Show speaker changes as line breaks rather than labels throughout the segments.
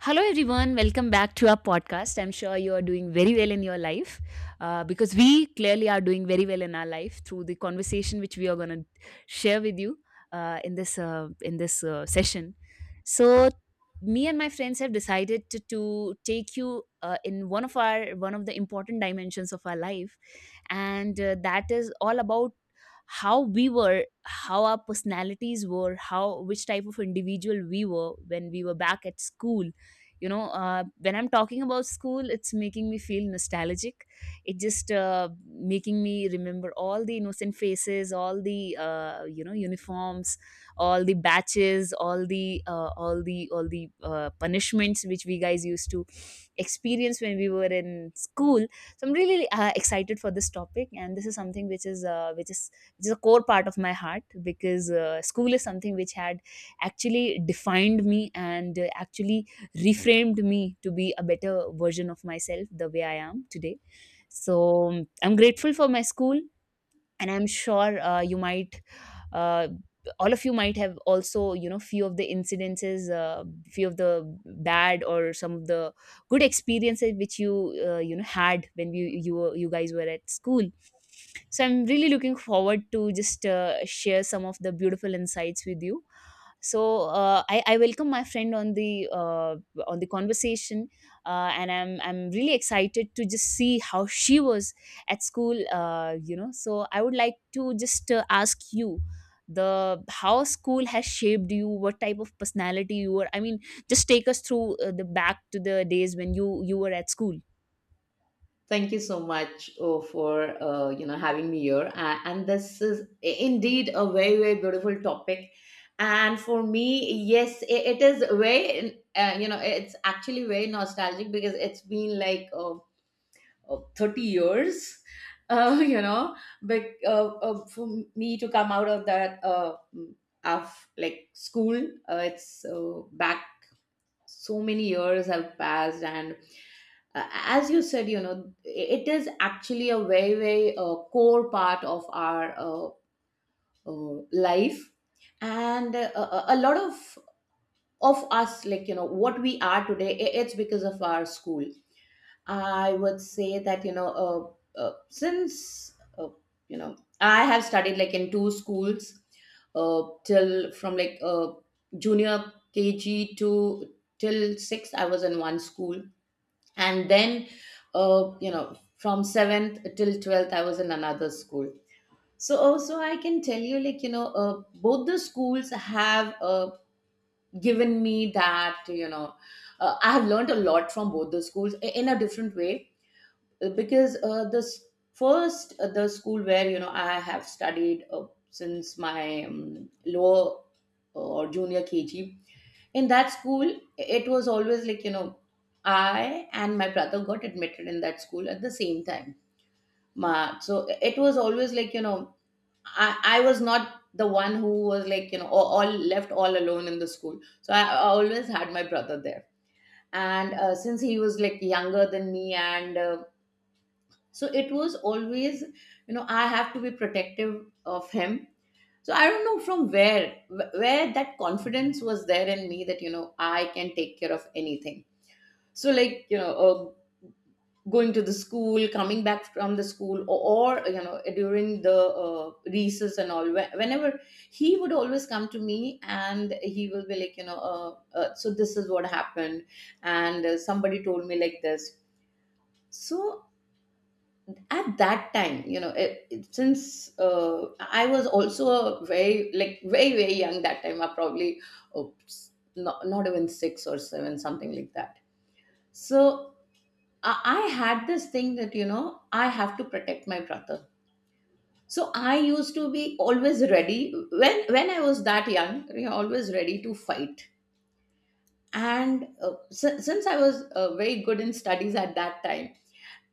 Hello, everyone. Welcome back to our podcast. I'm sure you are doing very well in your life because we clearly are doing very well in our life through the conversation which we are going to share with you in this session. So me and my friends have decided to take you in one of the important dimensions of our life and that is all about how we were how our personalities were how which type of individual we were when we were back at school. You know, when I'm talking about school, it's making me feel nostalgic. It just making me remember all the innocent faces, all the you know, uniforms, all the batches, all the punishments which we guys used to experience when we were in school. So I'm really excited for this topic, and this is something which is which is a core part of my heart because school is something which had actually defined me and actually reframed me to be a better version of myself the way I am today. So I'm grateful for my school, and I'm sure you might uh, all of you might have also, you know, few of the incidences, few of the bad or some of the good experiences which you you know had when you guys were at school. So I'm really looking forward to just share some of the beautiful insights with you. So I welcome my friend on the conversation, and I'm really excited to just see how she was at school. So I would like to just ask you the how school has shaped you, what type of personality you were. I mean, just take us through the back to the days when you were at school.
Thank you so much, oh, for having me here. And this is, indeed, a very, very beautiful topic. And for me, yes, it is very you know it's actually very nostalgic because it's been like 30 years, uh, you know, but for me to come out of that of like school, it's back so many years have passed. And uh, as you said, you know, it is actually a very, very core part of our life, and a lot of us, like, you know, what we are today, it's because of our school. I would say that, since, you know, I have studied, like, in two schools till, from like junior KG to till 6, I was in one school. And then, you know, from 7th till 12th, I was in another school. So, also, I can tell you, like, you know, both the schools have given me that, you know, I have learned a lot from both the schools, in a different way. Because first, the school where, you know, I have studied since my lower, or junior KG, in that school it was always like, you know, I and my brother got admitted in that school at the same time. Ma, so it was always like, you know, I was not the one who was, like, you know, all left all alone in the school. So I always had my brother there. And since he was, like, younger than me, and so it was always, you know, I have to be protective of him. So I don't know from where, where that confidence was there in me, that, you know, I can take care of anything. So, like, you know, uh, going to the school, coming back from the school, or, you know, during the recess and all, whenever, he would always come to me and he will be like, you know, so this is what happened. And somebody told me like this. So at that time, you know, since I was also a very, like, very, very young that time, I probably, oops, not even six or seven, something like that. So I had this thing that, you know, I have to protect my brother. So I used to be always ready when I was that young, you know, always ready to fight. And since I was very good in studies at that time,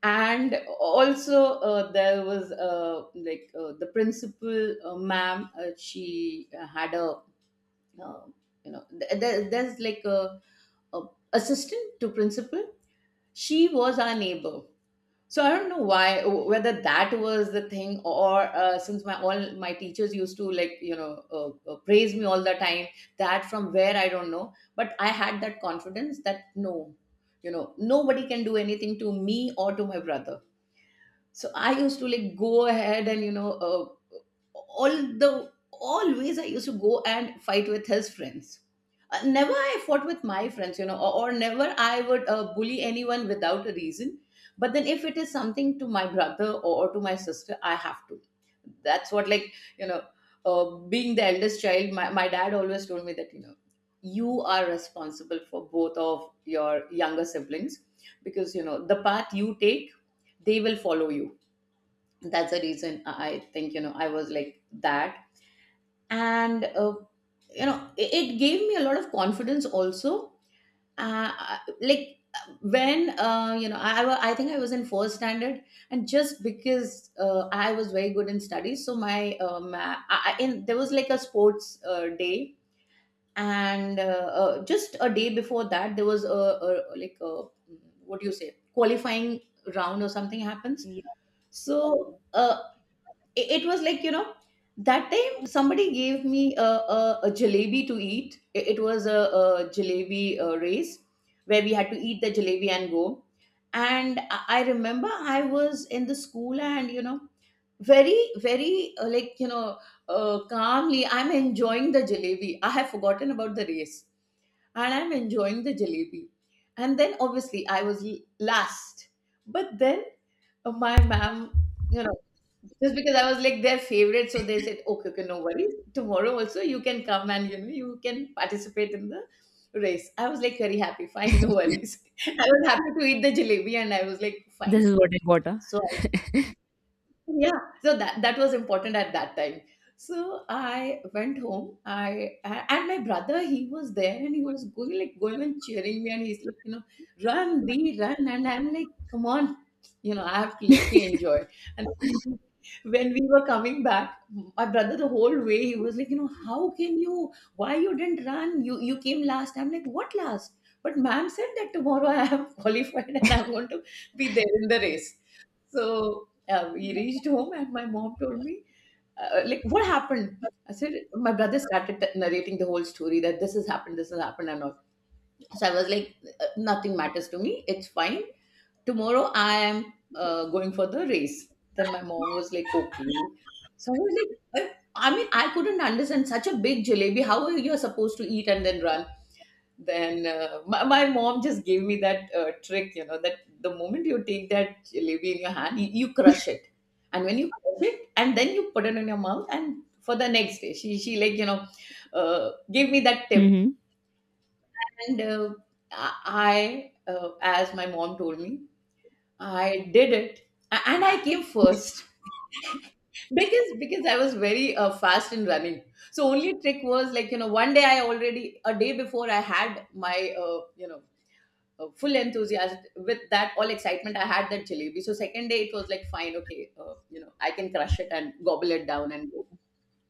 and also there was, like, the principal, ma'am, she had a uh, you know, there's like a assistant to principal. She was our neighbor. So I don't know why, whether that was the thing, or since my, all my teachers used to, like, you know, praise me all the time, that from where I don't know, but I had that confidence that, no, you know, nobody can do anything to me or to my brother. So I used to, like, go ahead, and, you know, all the always I used to go and fight with his friends. Never I fought with my friends, you know, or never I would bully anyone without a reason. But then if it is something to my brother, or to my sister, I have to. That's what, like, you know, being the eldest child, my dad always told me that, you know, you are responsible for both of your younger siblings, because, you know, the path you take, they will follow you. That's the reason I think, you know, I was like that. And you know, it gave me a lot of confidence also. Like, when, you know, I think I was in fourth standard, and just because I was very good in studies, so my, I, in there was like a sports day. And just a day before that there was a like a, what do you say, qualifying round or something happens.
Yeah.
So it was like, you know, that time somebody gave me a jalebi to eat. It was a jalebi race where we had to eat the jalebi and go. And I remember I was in the school, and, you know, very, very like, you know, calmly I'm enjoying the jalebi. I have forgotten about the race. And I'm enjoying the jalebi, and then obviously I was last. But then, oh, my ma'am, you know, just because I was like their favorite, so they said, okay, okay, no worries. Tomorrow also you can come, and, you know, you can participate in the race. I was like very happy, fine, no worries. I was happy to eat the jalebi, and I was like,
This
fine.
is what I got,
So, yeah, so that was important at that time. So I went home. I And my brother, he was there, and he was going and cheering me, and he's like, you know, run, be run. And I'm like, come on, you know, I have to, let me enjoy. And when we were coming back, my brother the whole way he was like, you know, how can you, why you didn't run, you came last. I'm like, what last? But ma'am said that tomorrow I am qualified, and I'm going to be there in the race. So we reached home, and my mom told me, like, what happened? I said, my brother started narrating the whole story that this has happened, and all. So I was like, "Nothing matters to me. It's fine. Tomorrow I am going for the race. Then my mom was like, okay. So I was like, I mean, I couldn't understand such a big jalebi. How are you supposed to eat and then run? Then my mom just gave me that trick, you know, that the moment you take that jalebi in your hand, you crush it, and when you crush it, and then you put it in your mouth. And for the next day, she like, you know, gave me that tip.
Mm-hmm.
And I as my mom told me, I did it, and I came first. Because I was very fast in running. So only trick was, like, you know, one day, I already, a day before, I had my you know, full enthusiasm, with that all excitement I had that jalebi, so second day it was like, fine, okay, you know, I can crush it and gobble it down and go.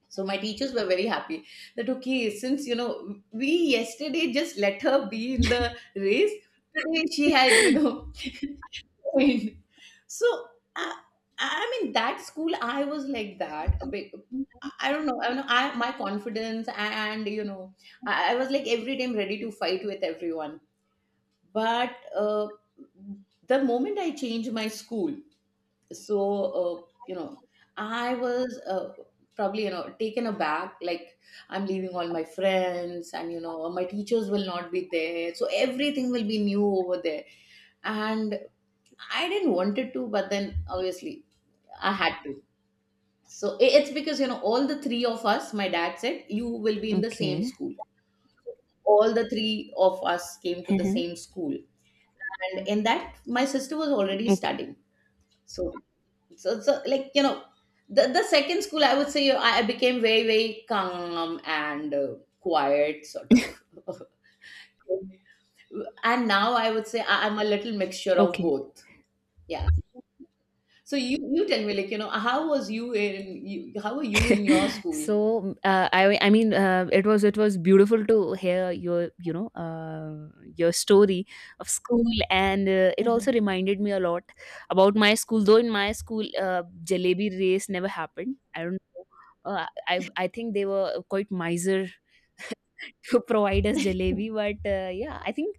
So my teachers were very happy that, okay, since, you know, we yesterday just let her be in the race, today she has, you know, win. So, I, I mean, that school I was like that a bit. I don't know. I don't know. I, my confidence and, you know, I was like every time ready to fight with everyone. But the moment I changed my school, so uh, you know, I was probably, you know, taken aback, like, I'm leaving all my friends, and, you know, my teachers will not be there, so everything will be new over there. And I didn't wanted to, but then obviously I had to. So it's because, you know, all the three of us, my dad said you will be in the same
Okay.
school. All the three of us came to the
Mhm.
same school. And in that, my sister was already
Okay.
studying. So, like, you know, the second school, I would say, I became very, very calm and quiet sort of. And now I would say, I'm a little mixture of
Okay,
both. Yeah. So you tell me, like, you know, how were you in your school?
so I mean it was, it was beautiful to hear your, you know, your story of school. And it also reminded me a lot about my school, though in my school jalebi race never happened. I don't know, uh, I think they were quite miser to provide us jalebi. But yeah, I think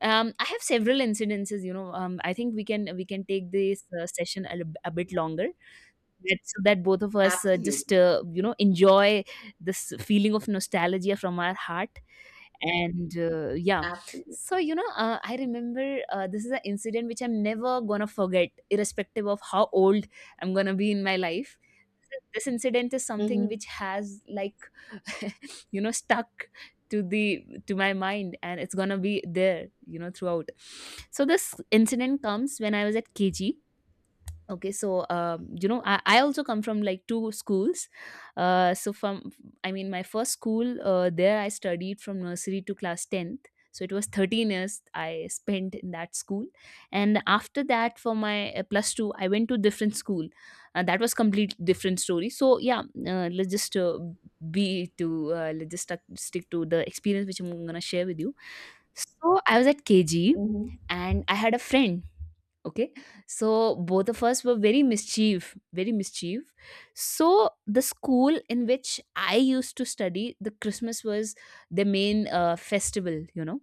I have several incidences, you know. I think we can take this session a bit longer, that so that both of us uh, just
Absolutely,
uh, you know, enjoy this feeling of nostalgia from our heart. And yeah.
absolutely.
So you know, I remember this is an incident which I'm never gonna forget irrespective of how old I'm gonna be in my life. This incident is something
Hmm.
which has like, you know, stuck to the to my mind, and it's gonna be there, you know, throughout. So this incident comes when I was at KG. Okay, so you know, I also come from like two schools. So from, I mean, my first school, there I studied from nursery to class 10th. So it was 13 years I spent in that school, and after that, for my plus 2, I went to different school. That was complete different story. So yeah, let's just be to let's just stick to the experience which I'm going to share with you. So I was at KG,
Hmm.
and I had a friend. Okay, so both of us were very mischief, very mischief. So the school in which I used to study, the Christmas was the main festival, you know.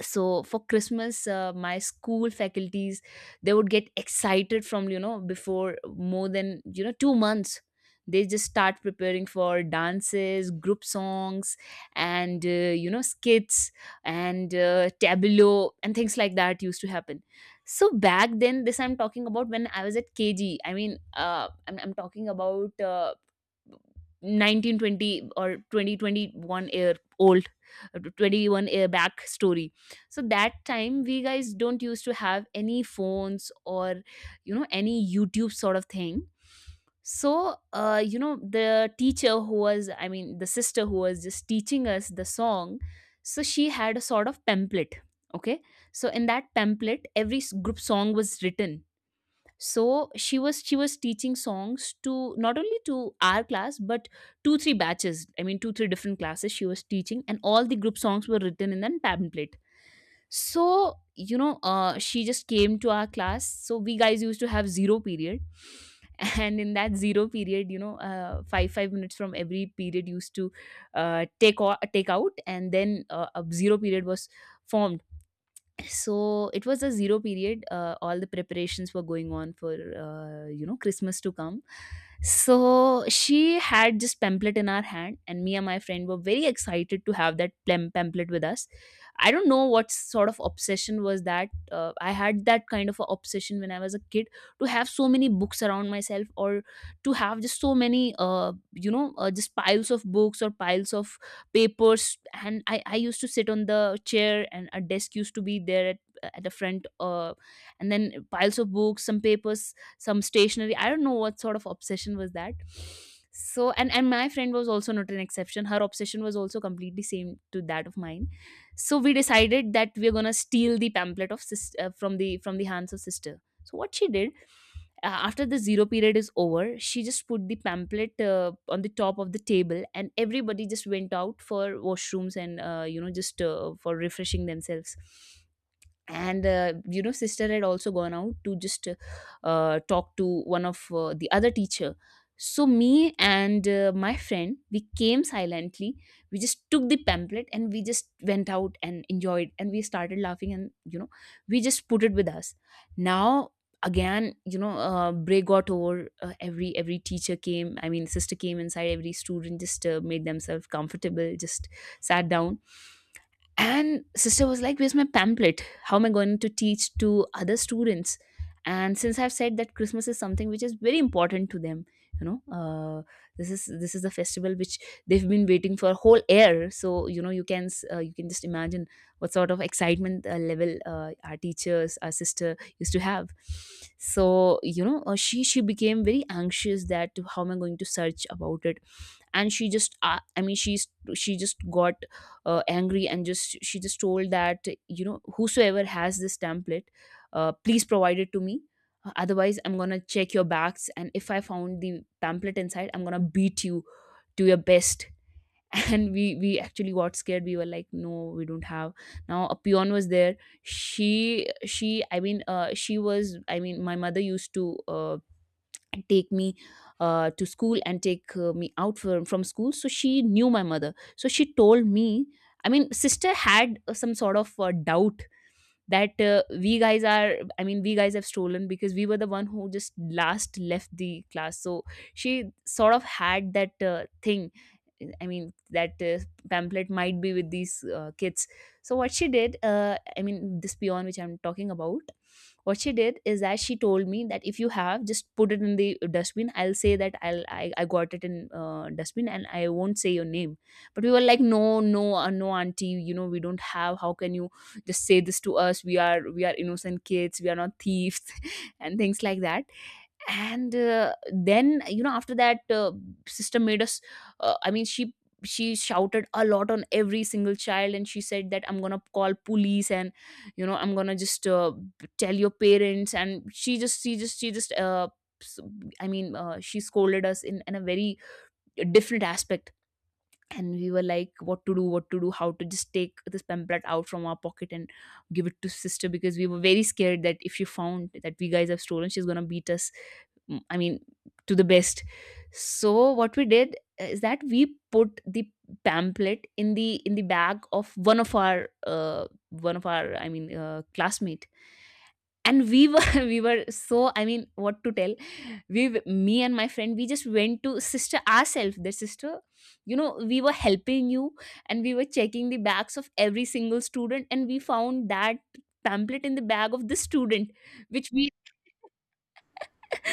So for Christmas, my school faculties, they would get excited from, you know, before more than, you know, 2 months. They just start preparing for dances, group songs, and you know, skits, and tableau and things like that used to happen. So back then, this I'm talking about when I was at KG, I mean, I'm talking about 1920 or 2021 year old, 21-year back story. So that time we guys don't used to have any phones or, you know, any YouTube sort of thing. So you know, the teacher who was, I mean, the sister who was just teaching us the song, so she had a sort of pamphlet. Okay, so in that pamphlet every group song was written. So she was teaching songs to not only to our class but 2, 3 batches, I mean, 2, 3 different classes she was teaching, and all the group songs were written in that pamphlet. So you know, she just came to our class. So we guys used to have zero period, and in that zero period, you know, 5, 5 minutes from every period used to take out, and then a zero period was formed. So it was a zero period. All the preparations were going on for, you know, Christmas to come. So she had this pamphlet in our hand, and me and my friend were very excited to have that pamphlet with us. I don't know what sort of obsession was that. I had that kind of a obsession when I was a kid, to have so many books around myself, or to have just so many, you know, just piles of books or piles of papers. And I used to sit on the chair, and a desk used to be there at the front, and then piles of books, some papers, some stationery. I don't know what sort of obsession was that. So and my friend was also not an exception. Her obsession was also completely same to that of mine. So we decided that we're gonna steal the pamphlet of from the hands of sister. So what she did, after the zero period is over, she just put the pamphlet on the top of the table, and everybody just went out for washrooms and, you know, just for refreshing themselves. And you know, sister had also gone out to just talk to one of the other teacher. So me and my friend, we came silently. We just took the pamphlet, and we just went out and enjoyed, and we started laughing, and you know, we just put it with us. Now, again, you know, break got over. Every every teacher came, I mean, sister came inside. Every student just made themselves comfortable, just sat down. And sister was like, "Where's my pamphlet? How am I going to teach to other students?" And since I've said that Christmas is something which is very important to them, you know, this is, this is the festival which they've been waiting for a whole year. So you know, you can you can just imagine what sort of excitement level our teachers, our sister used to have. So you know, she became very anxious that how am I going to search about it. And she just she just got angry, and just she just told that, you know, whosoever has this template, please provide it to me. Otherwise, I'm gonna check your backs, and if I found the pamphlet inside, I'm gonna beat you to your best. and we actually got scared. We were like, no, we don't have. Now a peon was there. She I mean she was I mean my mother used to take me to school and take me out from school. So she knew my mother, so she told me, I mean, sister had some sort of doubt that we guys are I mean we guys have stolen, because we were the one who just last left the class. So she sort of had that thing, I mean, that pamphlet might be with these kids. So what she did, I mean, this peon which I'm talking about, what she did is that she told me that if you have just put it in the dustbin, I'll say that I got it in dustbin, and I won't say your name. But we were like, no, no, no, auntie, you know, we don't have. How can you just say this to us? We are, we are innocent kids. We are not thieves. and things like that. And then you know, after that, sister made us uh, i mean she she shouted a lot on every single child, and she said that I'm Gonna call police, and you know I'm gonna just tell your parents. And she just she just she just s- I mean she scolded us in, a very different aspect. And we were like, what to do, what to do, how to just take this pamphlet out from our pocket and give it to sister, because we were very scared that if she found that we guys have stolen, she's gonna beat us, I mean, to the best. So what we did is that we put the pamphlet in the bag of one of our classmate. And we were we were so, I mean, what to tell. Me and my friend, we just went to sister ourselves, the sister, you know, we were helping you. And we were checking the bags of every single student, and we found that pamphlet in the bag of this student, which we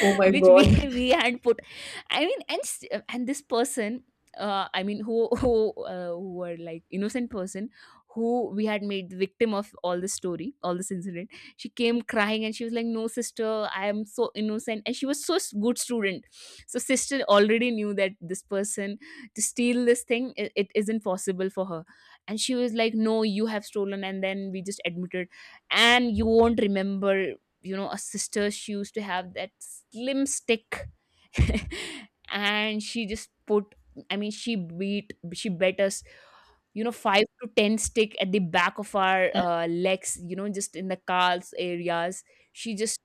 Oh my
which
god.
we had put. I mean, and this person, I mean, who who were like innocent person, who we had made the victim of all this story, all this incident. She came crying, and she was like, "No, sister, I am so innocent," and she was so good student. So sister already knew that this person, to steal this thing, it isn't possible for her. And she was like, "No, you have stolen," and then we just admitted. And you won't remember, you know, a sister, she used to have that slim stick. And she just put, I mean, she bet us, you know, 5 to 10 stick at the back of our legs, you know, just in the calves areas. She just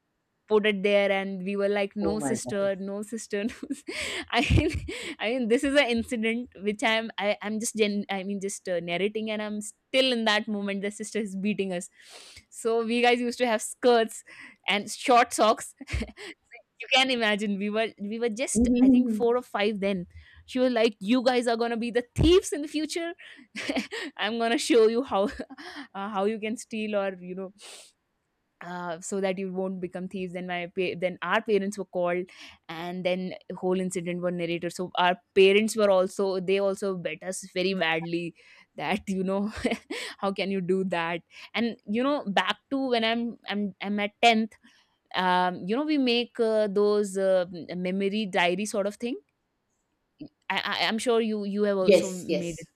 put it there, and we were like,
Oh
"No,
my god.
sister, no, sister. No, sis-" I mean, this is an incident which I'm just, narrating, and I'm still in that moment. The sister is beating us, so we guys used to have skirts and short socks. Can imagine, we were just,
Mhm,
I
mhm,
think,
mhm.
4 or 5 then. She was like, "You guys are gonna be the thieves in the future." "I'm gonna show you how how you can steal, or you know, so that you won't become thieves." Then then our parents were called, and then whole incident were narrated. So our parents were also, they also bet us very badly, that, you know, how can you do that. And you know, back to when I'm at 10th, you know, we make those memory diary sort of thing. I'm sure you have also
Yes,
made it.
yes.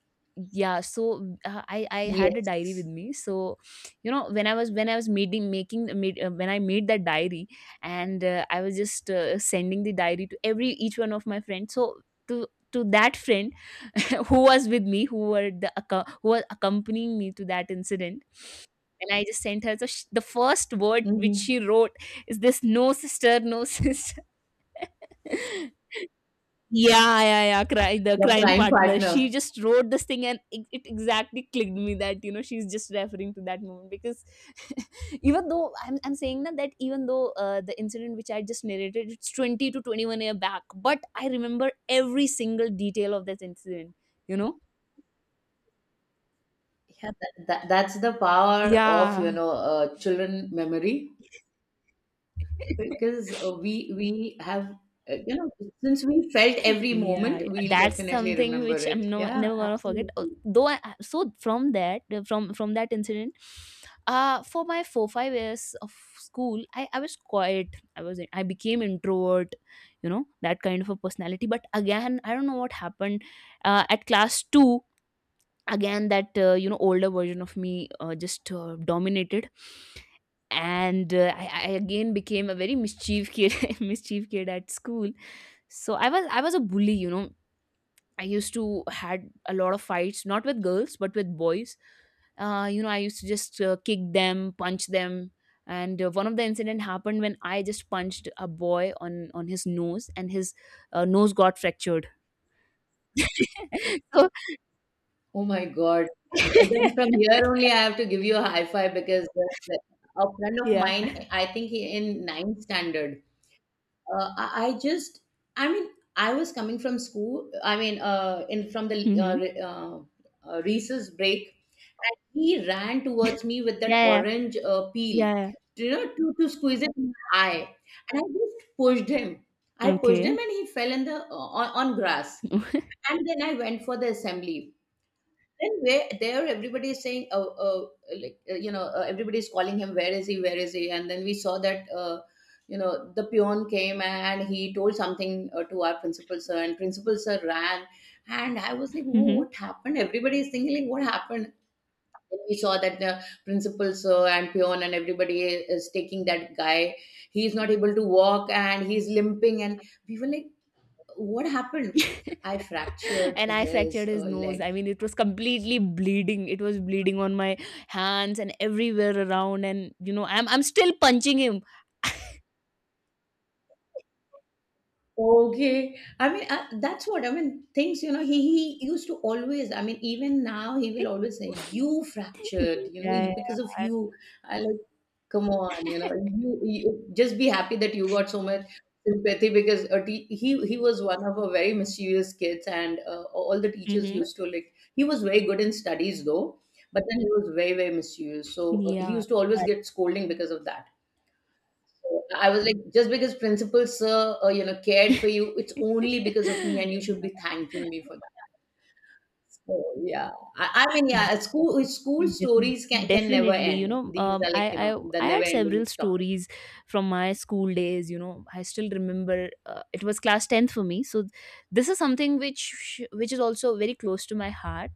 Yeah, so I had a diary with
Yes.
me. So, you know, when I was when I made that diary, and I was just sending the diary to every each one of my friends. So to that friend who was with me, who was accompanying me to that incident, and I just sent her. So sh the first word which
Hmm.
she wrote is this: "No sister, no sister." Yeah, yeah, yeah. Cry, the
Your
crime
prime
partner. She
partner.
just wrote this thing, and it exactly clicked me that, you know, she's just referring to that moment. Because even though I'm saying that even though the incident which I just narrated, it's 20 to 21 year back, but I remember every single detail of this incident. You know?
Yeah, that's the power of, you
Yeah.
know, children memory. Because we have you know, since we felt every
Yeah,
moment,
yeah.
we'll
That's
definitely
something
remember
which
it.
I'm no,
Yeah,
never gonna forget.
absolutely.
Though, so from that, from that incident, for my 4 5 years of school, I was quiet. I became introvert, you know, that kind of a personality. But again, I don't know what happened. At class two, again that you know older version of me just dominated. And I again became a very mischief kid mischief kid at school. So I was a bully, you know. I used to had a lot of fights, not with girls but with boys. You know, I used to just kick them, punch them. And one of the incident happened when I just punched a boy on his nose, and his nose got fractured. So
Oh my God. Then from here only, I have to give you a high five, because a friend of
yeah.
mine, I think he in ninth standard, uh, I, I just I mean, I was coming from school, I mean, in from the uh,
Mhm.
re- uh, recess break, and he ran towards me with that
Yeah, yeah.
orange peel,
Yeah, yeah.
you know, to squeeze it in my eye. And I just pushed him. I pushed
Okay.
him, and he fell on grass. And then I went for the assembly. Then where there, everybody is saying, oh, oh, like, you know, everybody is calling him, where is he, where is he? And then we saw that, you know, the peon came and he told something to our principal sir, and principal sir ran, and I was like, oh,
Mhm.
what happened? Everybody is thinking, like, what happened? Then we saw that the principal sir and peon and everybody is taking that guy. He is not able to walk, and he's limping, and we were like, what happened? I fractured
And I
his
fractured his nose.
leg.
I mean, it was completely bleeding. It was bleeding on my hands and everywhere around. And you know, I'm still punching him.
Okay. I mean, that's what I mean. Things, you know, he used to always, I mean, even now he will always say, you fractured, you know,
Yeah.
Because of you." I, like, come on, you know, you just be happy that you got so much sympathy, because he was one of our very mischievous kids, and all the teachers
Mhm.
used to, like, he was very good in studies though, but then he was very, very mischievous. So he
Yeah.
used to always get scolding because of that. I was like, just because principal sir, you know, cared for you, it's only because of me,
Yeah.
and you should be thanking me for that. So, yeah, I mean,
Yeah.
yeah, school
Defin
stories can never
Definitely, you
end.
know,
These are, like, you
I
know, the
I
never
had
ending
several
topic.
stories from my school days, you know. I still remember, it was class 10th for me. So this is something which is also very close to my heart.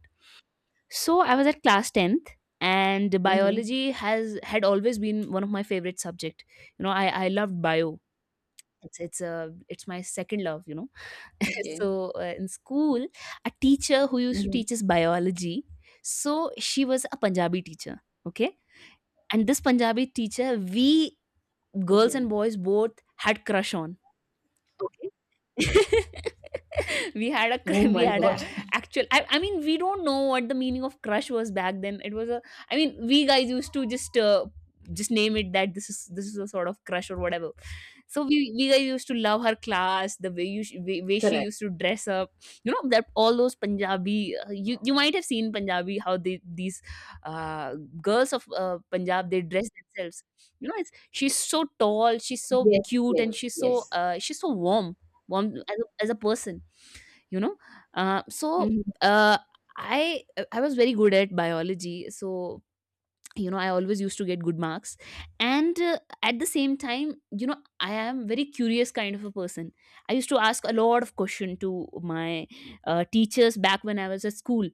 So I was at class 10th, and
Hmm.
biology has had always been one of my favorite subject. You know, I loved bio, it's my second love, you know.
Okay.
So in school, a teacher who used to
Hmm.
teach us biology, so she was a Punjabi teacher, okay. And this Punjabi teacher, we girls and
Okay.
boys both had crush on. Okay,
Oh
we
my
had a
God.
actual, I mean, we don't know what the meaning of crush was back then. It was a, I mean, we guys used to just name it that this is a sort of crush or whatever. So we guys used to love her class, the way way she
Correct.
used to dress up, you know, that all those Punjabi, you you might have seen Punjabi how they, these uh, girls of Punjab, they dress themselves. You know, it's she's so tall, she's so
Yes.
cute,
Yes.
and
Yes.
she's so warm one as as a person, you know. uh, so
Hmm.
uh, i I was very good at biology, so you know I always used to get good marks. And at the same time, you know, I am very curious kind of a person. I used to ask a lot of question to my teachers back when I was at school.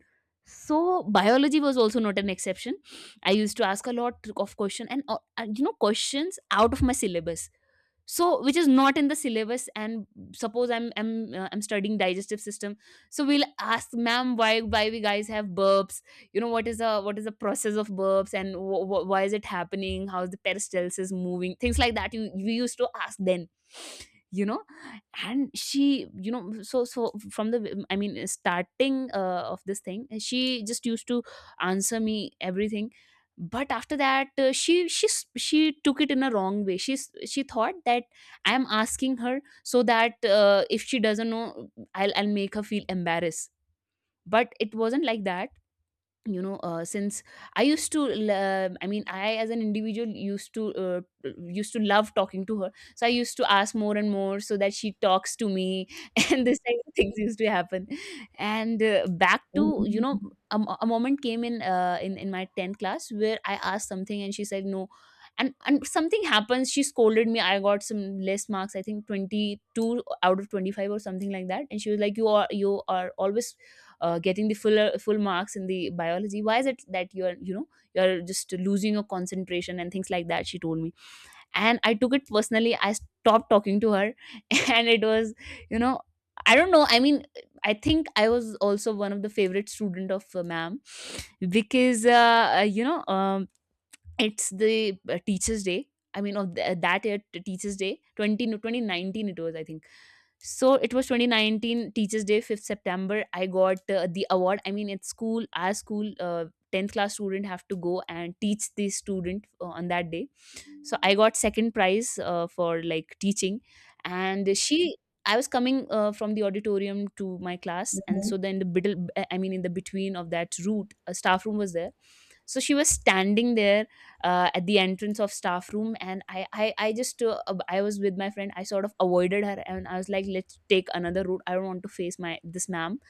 So biology was also not an exception. I used to ask a lot of question, and you know, questions out of my syllabus, so which is not in the syllabus. And suppose I'm studying digestive system, so we'll ask ma'am, why we guys have burps, you know, what is the process of burps, and why is it happening, how is the peristalsis moving, things like that, you we used to ask then, you know. And she you know so so from the, I mean, starting of this thing, she just used to answer me everything. But after that, she took it in a wrong way. She thought that I am asking her so that if she doesn't know, I'll make her feel embarrassed. But it wasn't like that, you know. Since I used to I mean, I as an individual used to love talking to her, so I used to ask more and more so that she talks to me. And this type of things used to happen. And back to, you know,
Hmm.
a moment came in my 10th class where I asked something and she said no. And something happens, she scolded me. I got some less marks, I think 22 out of 25 or something like that. And she was like, "You are always getting the full marks in the biology, why is it that you're, you know, you're just losing your concentration," and things like that she told me. And I took it personally, I stopped talking to her. And it was, you know, I don't know, I mean, I think I was also one of the favorite student of ma'am. Because you know, it's the teachers day, I mean, of that year, teachers day 20 no, 2019 it was, I think. So it was 2019 Teachers Day, 5th September. I got the award. I mean, it's school, our school, 10th class student have to go and teach the student on that day. So I got second prize for like teaching. And she, I was coming from the auditorium to my class and so then the middle, I mean in the between of that route, a staff room was there. So she was standing there at the entrance of staff room, and I just I was with my friend. I sort of avoided her and I was like, let's take another route, I don't want to face my this ma'am.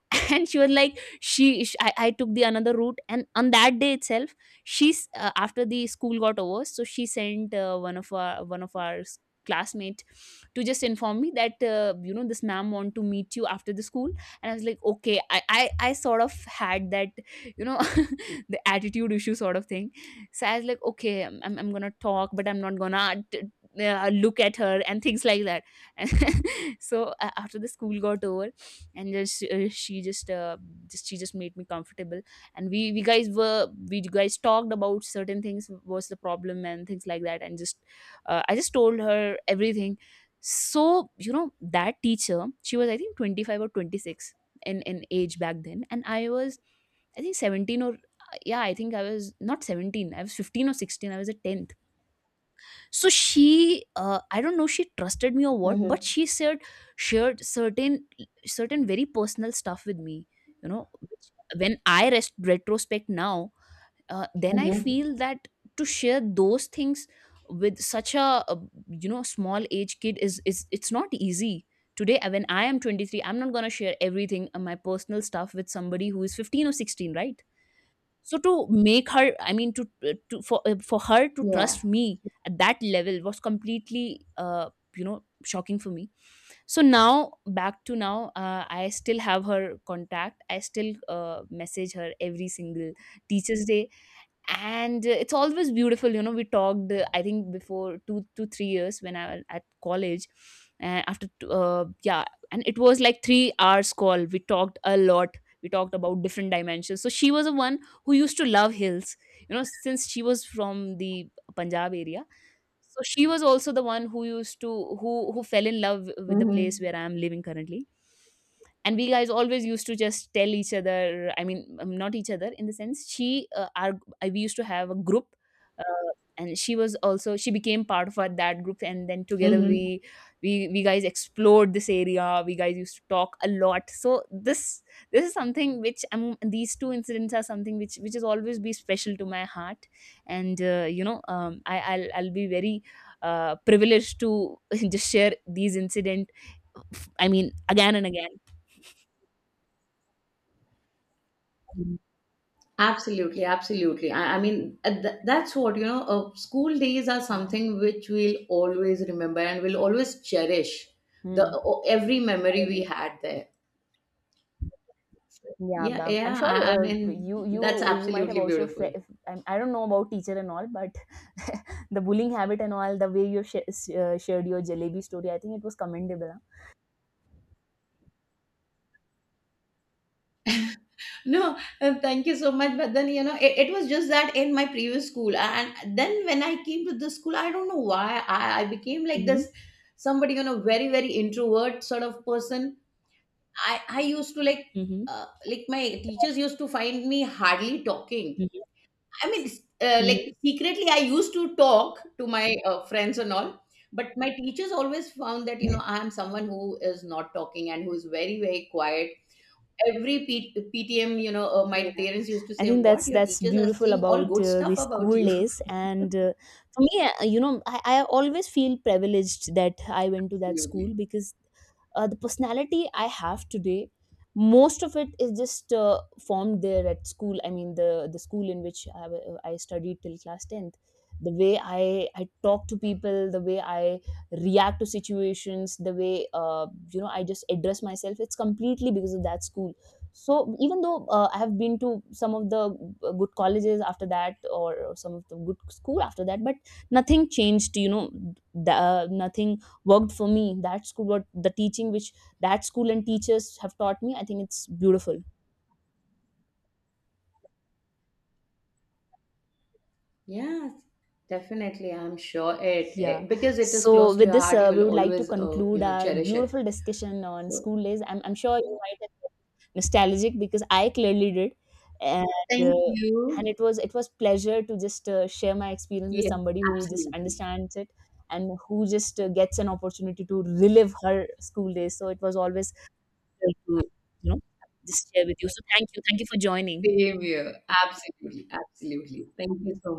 And she was like, I took the another route, and on that day itself she's, after the school got over, so she sent one of our classmate to just inform me that you know, this ma'am want to meet you after the school. And I was like, okay, I sort of had that, you know the attitude issue sort of thing. So I was like, okay, I'm gonna talk, but I'm not gonna look at her and things like that. So after the school got over, and just she just she just made me comfortable. And we guys talked about certain things was the problem and things like that, and just I just told her everything. So you know, that teacher, she was I think 25 or 26 in age back then, and I was I think 17 or yeah, I think I was not 17, I was 15 or 16, I was a 10th. So she, I don't know, she trusted me or what,
Hmm.
but she shared, shared certain, certain very personal stuff with me, you know, which when I retrospect now, then I
Hmm.
feel that to share those things with such a, small age kid is it's not easy. Today, when I am 23, I'm not going to share everything, my personal stuff with somebody who is 15 or 16, right? So to make her, I mean to for her to
Yeah.
trust me at that level was completely, shocking for me. So now, back to now, I still have her contact, I still message her every single teachers day. And it's always beautiful, you know, we talked I think before 2 to 3 years when I was at college. And after yeah, and it was like 3 hours call, we talked a lot. We talked about different dimensions. So she was the one who used to love hills, you know, since she was from the Punjab area. So she was also the one who used to, who fell in love with the place
Hmm.
where I am living currently. And we guys always used to just tell each other. I mean, not each other in the sense. She, we used to have a group, uh, and she was also, she became part of our, that group. And then together
Hmm.
we guys explored this area. We guys used to talk a lot. So this is something which, these two incidents are something which is always be special to my heart. And I'll be very privileged to just share these incident I mean again and again.
Absolutely, absolutely. I mean, that's what, you know, school days are
Yeah.
something which we'll always remember, and we'll always cherish
Hmm.
every
I
memory we
agree.
had there.
Yeah,
Yeah,
I'm
yeah.
sure,
I mean,
you you
that's
you might have
absolutely
also
beautiful.
I don't know about teacher and all, but the bullying habit and all, the way you shared your jalebi story, I think it was commendable, huh?
No, thank you so much. But then, you know, it was just that in my previous school. And then when I came to this school, I don't know why I became like
Mm-hmm.
this, somebody, you know, very, very introvert sort of person. I used to, like,
Mm-hmm.
like my teachers used to find me hardly talking.
Mm-hmm.
I mean,
Mm-hmm.
like, secretly, I used to talk to my friends and all, but my teachers always found that, you know, I am someone who is not talking, and who is very, very quiet. Every PTM, you know, my
Yeah.
parents used to
I
say,
think
"What
that's
your
that's
teachers are
beautiful
saying, all
about
good
the
stuff about
school
you."
days. And for me, I always feel privileged that I went to that school,
Absolutely.
because the personality I have today, most of it is just formed there at school. I mean, the school in which I studied till class tenth. The way I talk to people, the way I react to situations, the way, I just address myself. It's completely because of that school. So even though I have been to some of the good colleges after that or some of the good school after that, but nothing changed, you know. Nothing worked for me. That school, what the teaching which that school and teachers have taught me, I think it's beautiful.
Yes, definitely. I'm sure it,
Yeah.
it because it is
So
close to
with
your
this,
heart. You'll
we would like to
always,
conclude
you know,
our
cherish it.
beautiful discussion on
So
school days. I'm sure you might have been nostalgic, because I clearly did, and
thank
uh,
you.
it was pleasure to just share my experience with
Yes,
somebody who just
absolutely.
understands it and who just gets an opportunity to relive her school days. So it was always great to, you know, just share with you. So thank you for joining.
Same here. Absolutely. Absolutely. Thank you so